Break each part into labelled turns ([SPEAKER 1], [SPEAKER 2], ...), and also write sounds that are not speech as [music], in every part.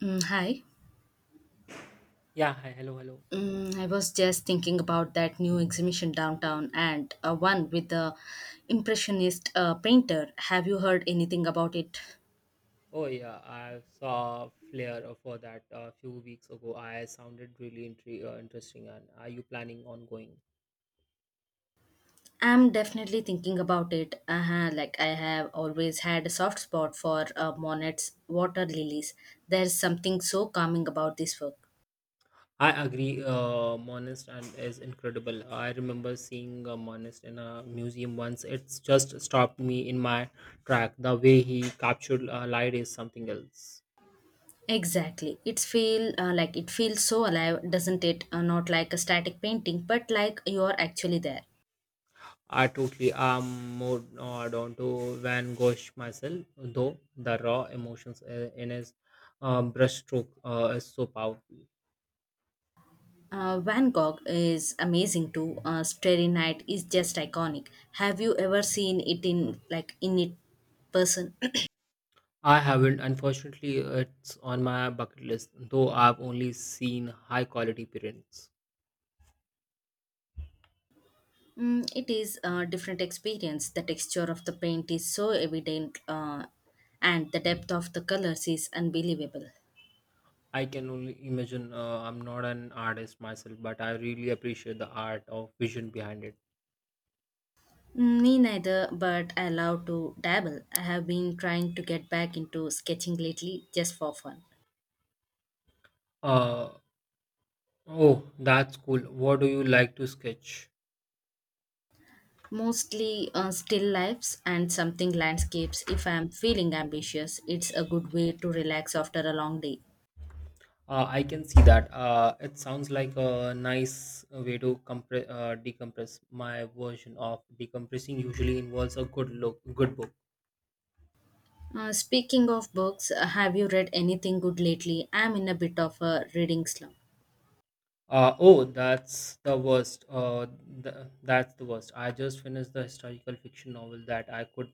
[SPEAKER 1] Mm, hi.
[SPEAKER 2] Yeah, hi, hello, hello.
[SPEAKER 1] I was just thinking about that new exhibition downtown and one with the impressionist painter. Have you heard anything about it?
[SPEAKER 2] Oh yeah, I saw Flair for that a few weeks ago. I sounded really interesting. And are you planning on going?
[SPEAKER 1] I'm definitely thinking about it. Uh-huh, like I have always had a soft spot for Monet's water lilies. There's something so calming about this work.
[SPEAKER 2] I agree. Monist and is incredible. I remember seeing a Monist in a museum once. It's just stopped me in my track. The way he captured light is something else.
[SPEAKER 1] Exactly. It's feel it feels so alive, doesn't it? Not like a static painting, but like you're actually there.
[SPEAKER 2] I totally am more down to Van Gogh myself, though the raw emotions in his brushstroke is so powerful.
[SPEAKER 1] Van Gogh is amazing too. Starry Night is just iconic. Have you ever seen it in like in it person? [clears throat]
[SPEAKER 2] I haven't, unfortunately, it's on my bucket list, though I've only seen high quality prints.
[SPEAKER 1] Mm, it is a different experience. The texture of the paint is so evident, and the depth of the colors is unbelievable.
[SPEAKER 2] I can only imagine. I'm not an artist myself, but I really appreciate the art of vision behind it.
[SPEAKER 1] Mm, me neither, but I love to dabble. I have been trying to get back into sketching lately, just for fun.
[SPEAKER 2] Uh, oh, that's cool. What do you like to sketch?
[SPEAKER 1] Mostly still lifes and something landscapes if I'm feeling ambitious. It's a good way to relax after a long day.
[SPEAKER 2] I can see that. It sounds like a nice way to decompress. My version of decompressing usually involves a good book.
[SPEAKER 1] Speaking of books, have you read anything good lately? I'm in a bit of a reading slump.
[SPEAKER 2] Oh, that's the worst. That's the worst. I just finished the historical fiction novel that I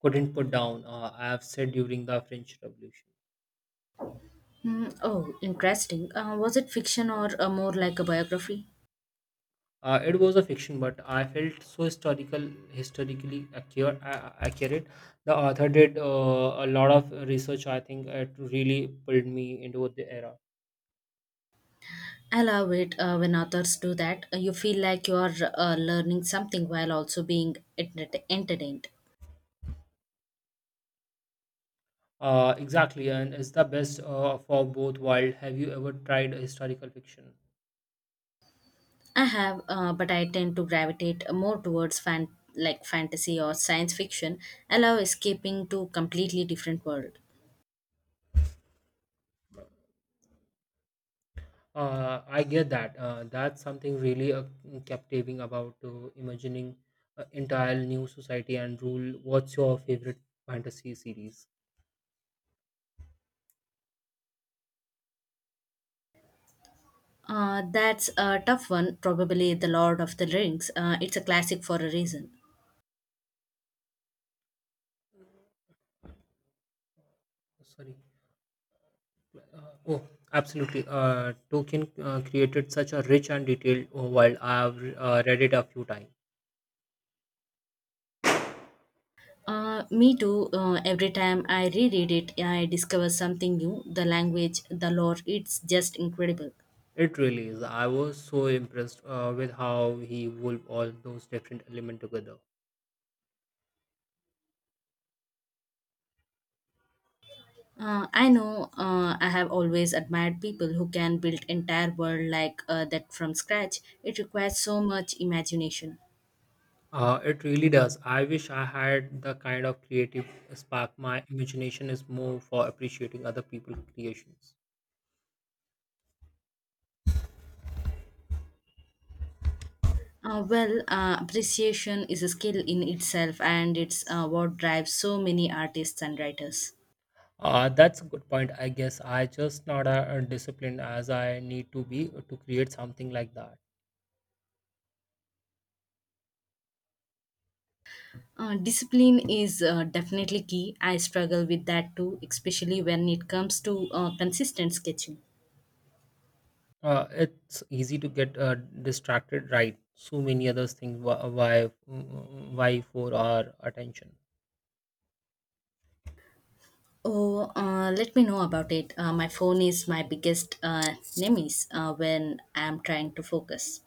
[SPEAKER 2] couldn't put down. I have said during the French Revolution.
[SPEAKER 1] Hmm, oh, interesting. Was it fiction or more like a biography?
[SPEAKER 2] It was a fiction, but I felt so historically accurate. Accurate. The author did a lot of research. I think it really pulled me into the era.
[SPEAKER 1] I love it when authors do that. You feel like you're learning something while also being entertained.
[SPEAKER 2] Exactly, and it's the best for both worlds. Have you ever tried historical fiction?
[SPEAKER 1] I have, but I tend to gravitate more towards fantasy or science fiction. I love escaping to completely different world.
[SPEAKER 2] I get that. That's something really captivating about imagining an entire new society and rule. What's your favorite fantasy series?
[SPEAKER 1] That's a tough one. Probably the Lord of the Rings. It's a classic for a reason.
[SPEAKER 2] Sorry. Uh, oh, absolutely. Tolkien created such a rich and detailed world. I've read it a few times.
[SPEAKER 1] Me too. Every time I reread it, I discover something new. The language, the lore, it's just incredible.
[SPEAKER 2] It really is. I was so impressed with how he wove all those different elements together.
[SPEAKER 1] I know I have always admired people who can build entire world like that from scratch. It requires so much imagination.
[SPEAKER 2] It really does. I wish I had the kind of creative spark. My imagination is more for appreciating other people's creations.
[SPEAKER 1] Well, appreciation is a skill in itself, and it's what drives so many artists and writers.
[SPEAKER 2] That's a good point. I guess I just not a, disciplined as I need to be to create something like that.
[SPEAKER 1] Discipline is definitely key. I struggle with that too, especially when it comes to consistent sketching.
[SPEAKER 2] It's easy to get distracted, right? So many other things why for our attention.
[SPEAKER 1] Oh, let me know about it. My phone is my biggest nemesis when I'm trying to focus.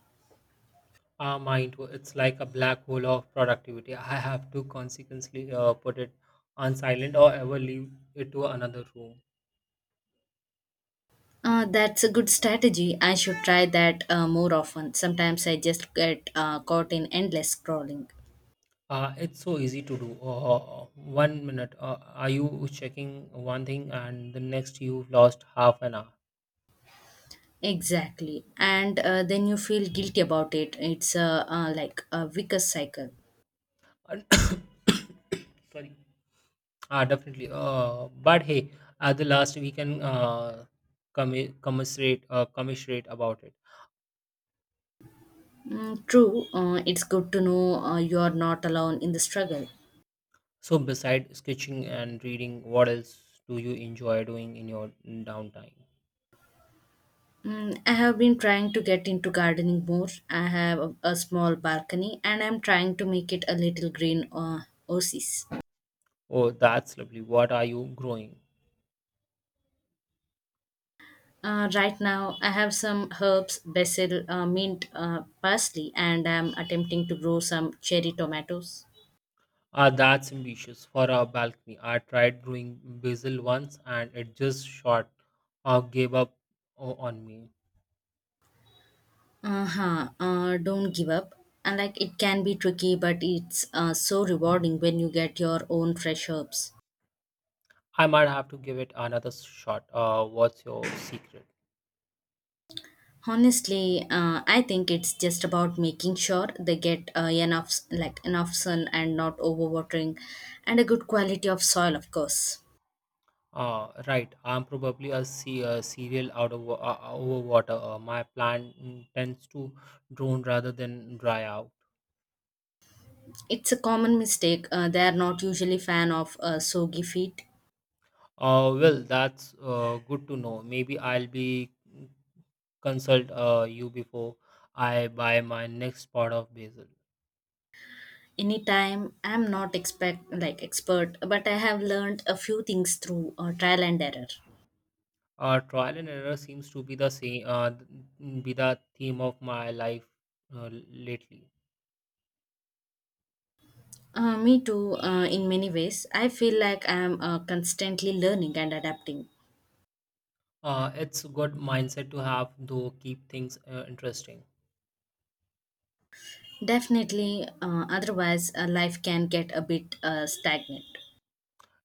[SPEAKER 2] Mind it's like a black hole of productivity. I have to consequently put it on silent or ever leave it to another room.
[SPEAKER 1] That's a good strategy. I should try that more often. Sometimes I just get caught in endless scrolling.
[SPEAKER 2] It's so easy to do. One minute are you checking one thing and the next you've lost half an hour.
[SPEAKER 1] Exactly. And then you feel guilty about it. It's like a vicious cycle.
[SPEAKER 2] And [coughs] sorry. Ah, definitely but hey, at the last we can commiserate about it.
[SPEAKER 1] Mm, true, it's good to know you are not alone in the struggle.
[SPEAKER 2] So, beside sketching and reading, what else do you enjoy doing in your downtime?
[SPEAKER 1] I have been trying to get into gardening more. I have a small balcony and I'm trying to make it a little green oasis.
[SPEAKER 2] Oh, that's lovely. What are you growing?
[SPEAKER 1] Right now, I have some herbs, basil, mint, parsley, and I'm attempting to grow some cherry tomatoes.
[SPEAKER 2] Ah, that's ambitious for our balcony. I tried growing basil once and it just shot gave up on me.
[SPEAKER 1] Uh-huh. Don't give up. And like it can be tricky, but it's so rewarding when you get your own fresh herbs.
[SPEAKER 2] I might have to give it another shot. What's your secret?
[SPEAKER 1] Honestly, I think it's just about making sure they get enough, enough sun and not overwatering, and a good quality of soil, of course.
[SPEAKER 2] Right, I'm probably a cereal out of over water. My plant tends to drown rather than dry out.
[SPEAKER 1] It's a common mistake. They are not usually fan of soggy feet.
[SPEAKER 2] Well, that's good to know. Maybe I'll be consult you before I buy my next pot of basil.
[SPEAKER 1] Anytime, I'm not expect like expert, but I have learned a few things through trial and error.
[SPEAKER 2] Trial and error seems to be the same. Be the theme of my life lately.
[SPEAKER 1] Me too, in many ways. I feel like I'm constantly learning and adapting.
[SPEAKER 2] It's a good mindset to have, though. Keep things interesting.
[SPEAKER 1] Definitely, otherwise, life can get a bit stagnant.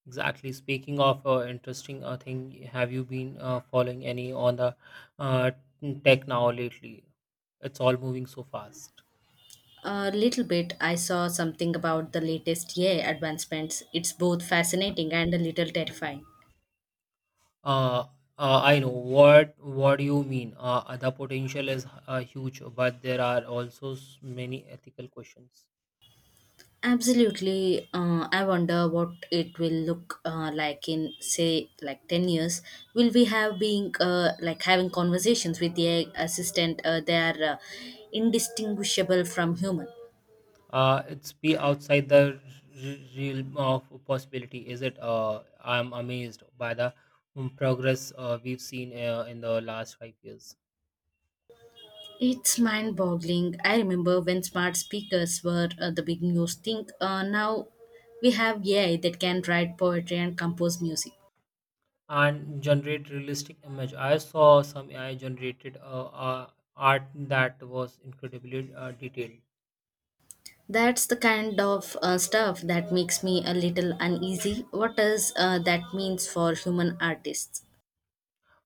[SPEAKER 2] Exactly. Speaking of interesting thing, have you been following any on the uh, tech now lately? It's all moving so fast.
[SPEAKER 1] A little bit, I saw something about the latest AI advancements. It's both fascinating and a little terrifying.
[SPEAKER 2] Uh, I know what do you mean. The potential is huge, but there are also many ethical questions.
[SPEAKER 1] Absolutely. I wonder what it will look like in, say, like 10 years. Will we have being having conversations with the assistant? They are indistinguishable from human.
[SPEAKER 2] It's be outside the realm of possibility, is it? I'm amazed by the progress we've seen in the last 5 years.
[SPEAKER 1] It's mind boggling. I remember when smart speakers were the big news thing. Now we have AI that can write poetry and compose music.
[SPEAKER 2] And generate realistic image. I saw some AI generated art that was incredibly detailed.
[SPEAKER 1] That's the kind of stuff that makes me a little uneasy. What does that means for human artists?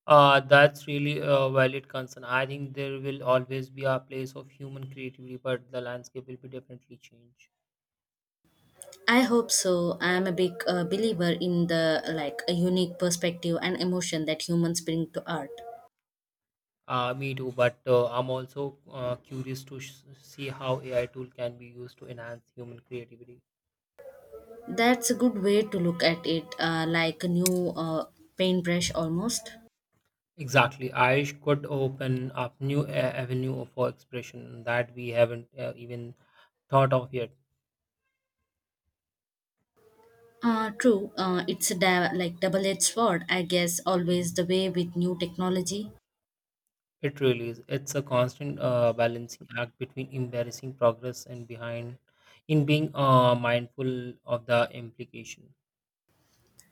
[SPEAKER 2] That's really a valid concern. I think there will always be a place of human creativity, but the landscape will be definitely changed.
[SPEAKER 1] I hope so. I am a big believer in the like a unique perspective and emotion that humans bring to art.
[SPEAKER 2] Me too, but I'm also curious to see how AI tool can be used to enhance human creativity.
[SPEAKER 1] That's a good way to look at it, like a new paintbrush almost.
[SPEAKER 2] Exactly, I could open up new avenue for expression that we haven't even thought of yet.
[SPEAKER 1] True, it's a double-edged sword, I guess. Always the way with new technology.
[SPEAKER 2] It really is. It's a constant balancing act between embarrassing progress and behind in being mindful of the implication.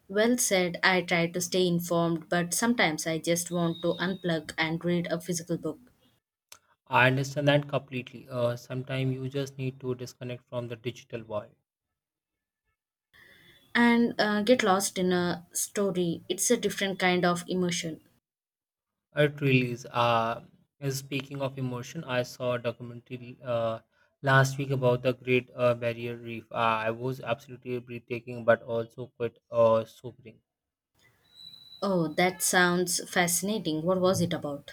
[SPEAKER 1] Well said. I try to stay informed, but sometimes I just want to unplug and read a physical book
[SPEAKER 2] I understand that completely. Sometimes you just need to disconnect from the digital world.
[SPEAKER 1] and get lost in a story. It's a different kind of immersion.
[SPEAKER 2] It really is. Speaking of emotion, I saw a documentary last week about the Great Barrier Reef. I was absolutely breathtaking, but also quite sobering.
[SPEAKER 1] Oh, that sounds fascinating. What was it about?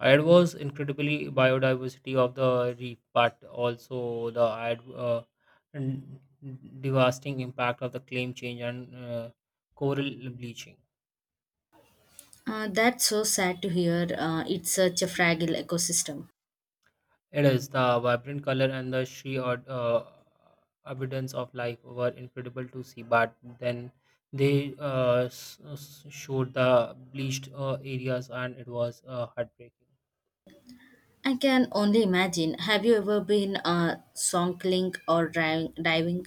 [SPEAKER 2] It was incredibly biodiversity of the reef, but also the n- devastating impact of the climate change and coral bleaching.
[SPEAKER 1] That's so sad to hear. It's such a fragile ecosystem.
[SPEAKER 2] It is the vibrant color and the sheer abundance of life were incredible to see. But then they showed the bleached areas, and it was heartbreaking.
[SPEAKER 1] I can only imagine. Have you ever been snorkeling or diving?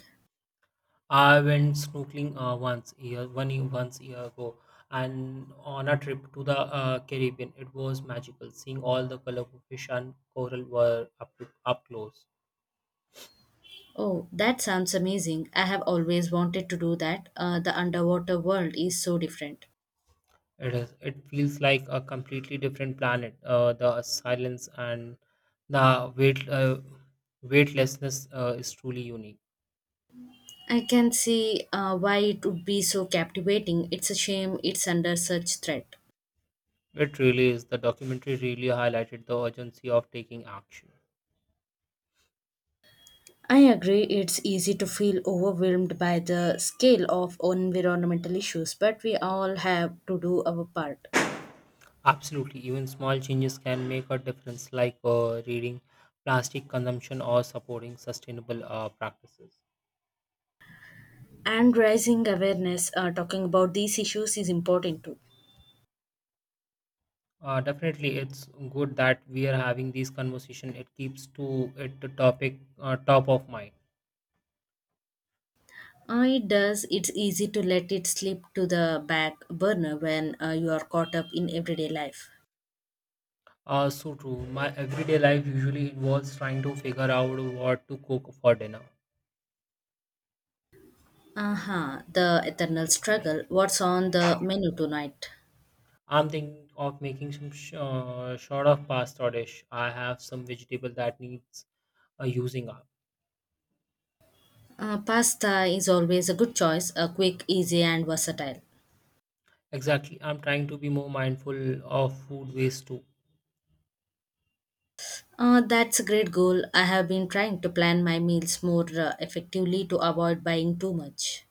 [SPEAKER 2] I went snorkeling once year ago, and on a trip to the Caribbean, it was magical seeing all the colorful fish and coral were up up close.
[SPEAKER 1] Oh, that sounds amazing. I have always wanted to do that. The underwater world is so different.
[SPEAKER 2] It is it feels like a completely different planet. The silence and the weightlessness is truly unique.
[SPEAKER 1] I can see why it would be so captivating. It's a shame it's under such threat.
[SPEAKER 2] It really is. The documentary really highlighted the urgency of taking action.
[SPEAKER 1] I agree, it's easy to feel overwhelmed by the scale of environmental issues, but we all have to do our part.
[SPEAKER 2] Absolutely, even small changes can make a difference, like reading plastic consumption or supporting sustainable practices.
[SPEAKER 1] And raising awareness, talking about these issues is important too.
[SPEAKER 2] Definitely, it's good that we are having these conversation. It keeps to it the topic top of mind.
[SPEAKER 1] It does, it's easy to let it slip to the back burner when you are caught up in everyday life.
[SPEAKER 2] So true. My everyday life usually involves trying to figure out what to cook for dinner.
[SPEAKER 1] Uh huh. The eternal struggle. What's on the menu tonight?
[SPEAKER 2] I'm thinking of making some sort of pasta dish. I have some vegetable that needs using up.
[SPEAKER 1] Pasta is always a good choice, quick, easy, and versatile.
[SPEAKER 2] Exactly. I'm trying to be more mindful of food waste too.
[SPEAKER 1] That's a great goal. I have been trying to plan my meals more effectively to avoid buying too much.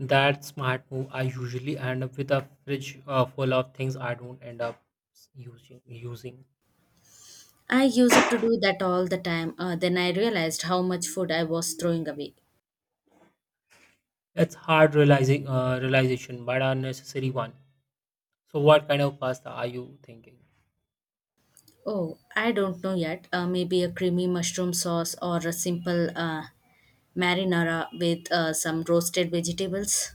[SPEAKER 2] That smart move. I usually end up with a fridge full of things I don't end up Using
[SPEAKER 1] I used to do that all the time. Then I realized how much food I was throwing away.
[SPEAKER 2] it's hard realizing realization, but a necessary one. So, what kind of pasta are you thinking?
[SPEAKER 1] Oh, I don't know yet. Maybe a creamy mushroom sauce or a simple marinara with some roasted vegetables.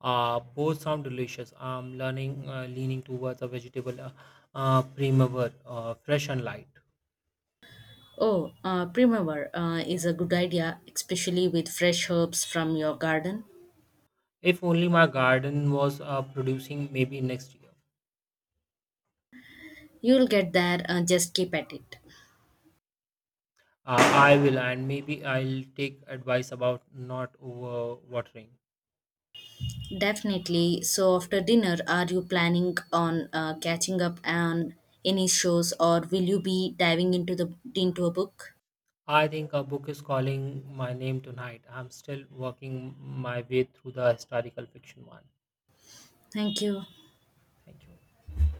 [SPEAKER 2] Both sound delicious. I'm learning leaning towards a vegetable primavera, fresh and light.
[SPEAKER 1] Oh, primavera is a good idea, especially with fresh herbs from your garden.
[SPEAKER 2] If only my garden was producing, maybe next year.
[SPEAKER 1] You'll get there, just keep at it.
[SPEAKER 2] I will, and maybe I'll take advice about not over watering.
[SPEAKER 1] Definitely. So, after dinner, are you planning on catching up on any shows, or will you be diving into a book?
[SPEAKER 2] I think a book is calling my name tonight. I'm still working my way through the historical fiction one.
[SPEAKER 1] Thank you.
[SPEAKER 2] Thank you.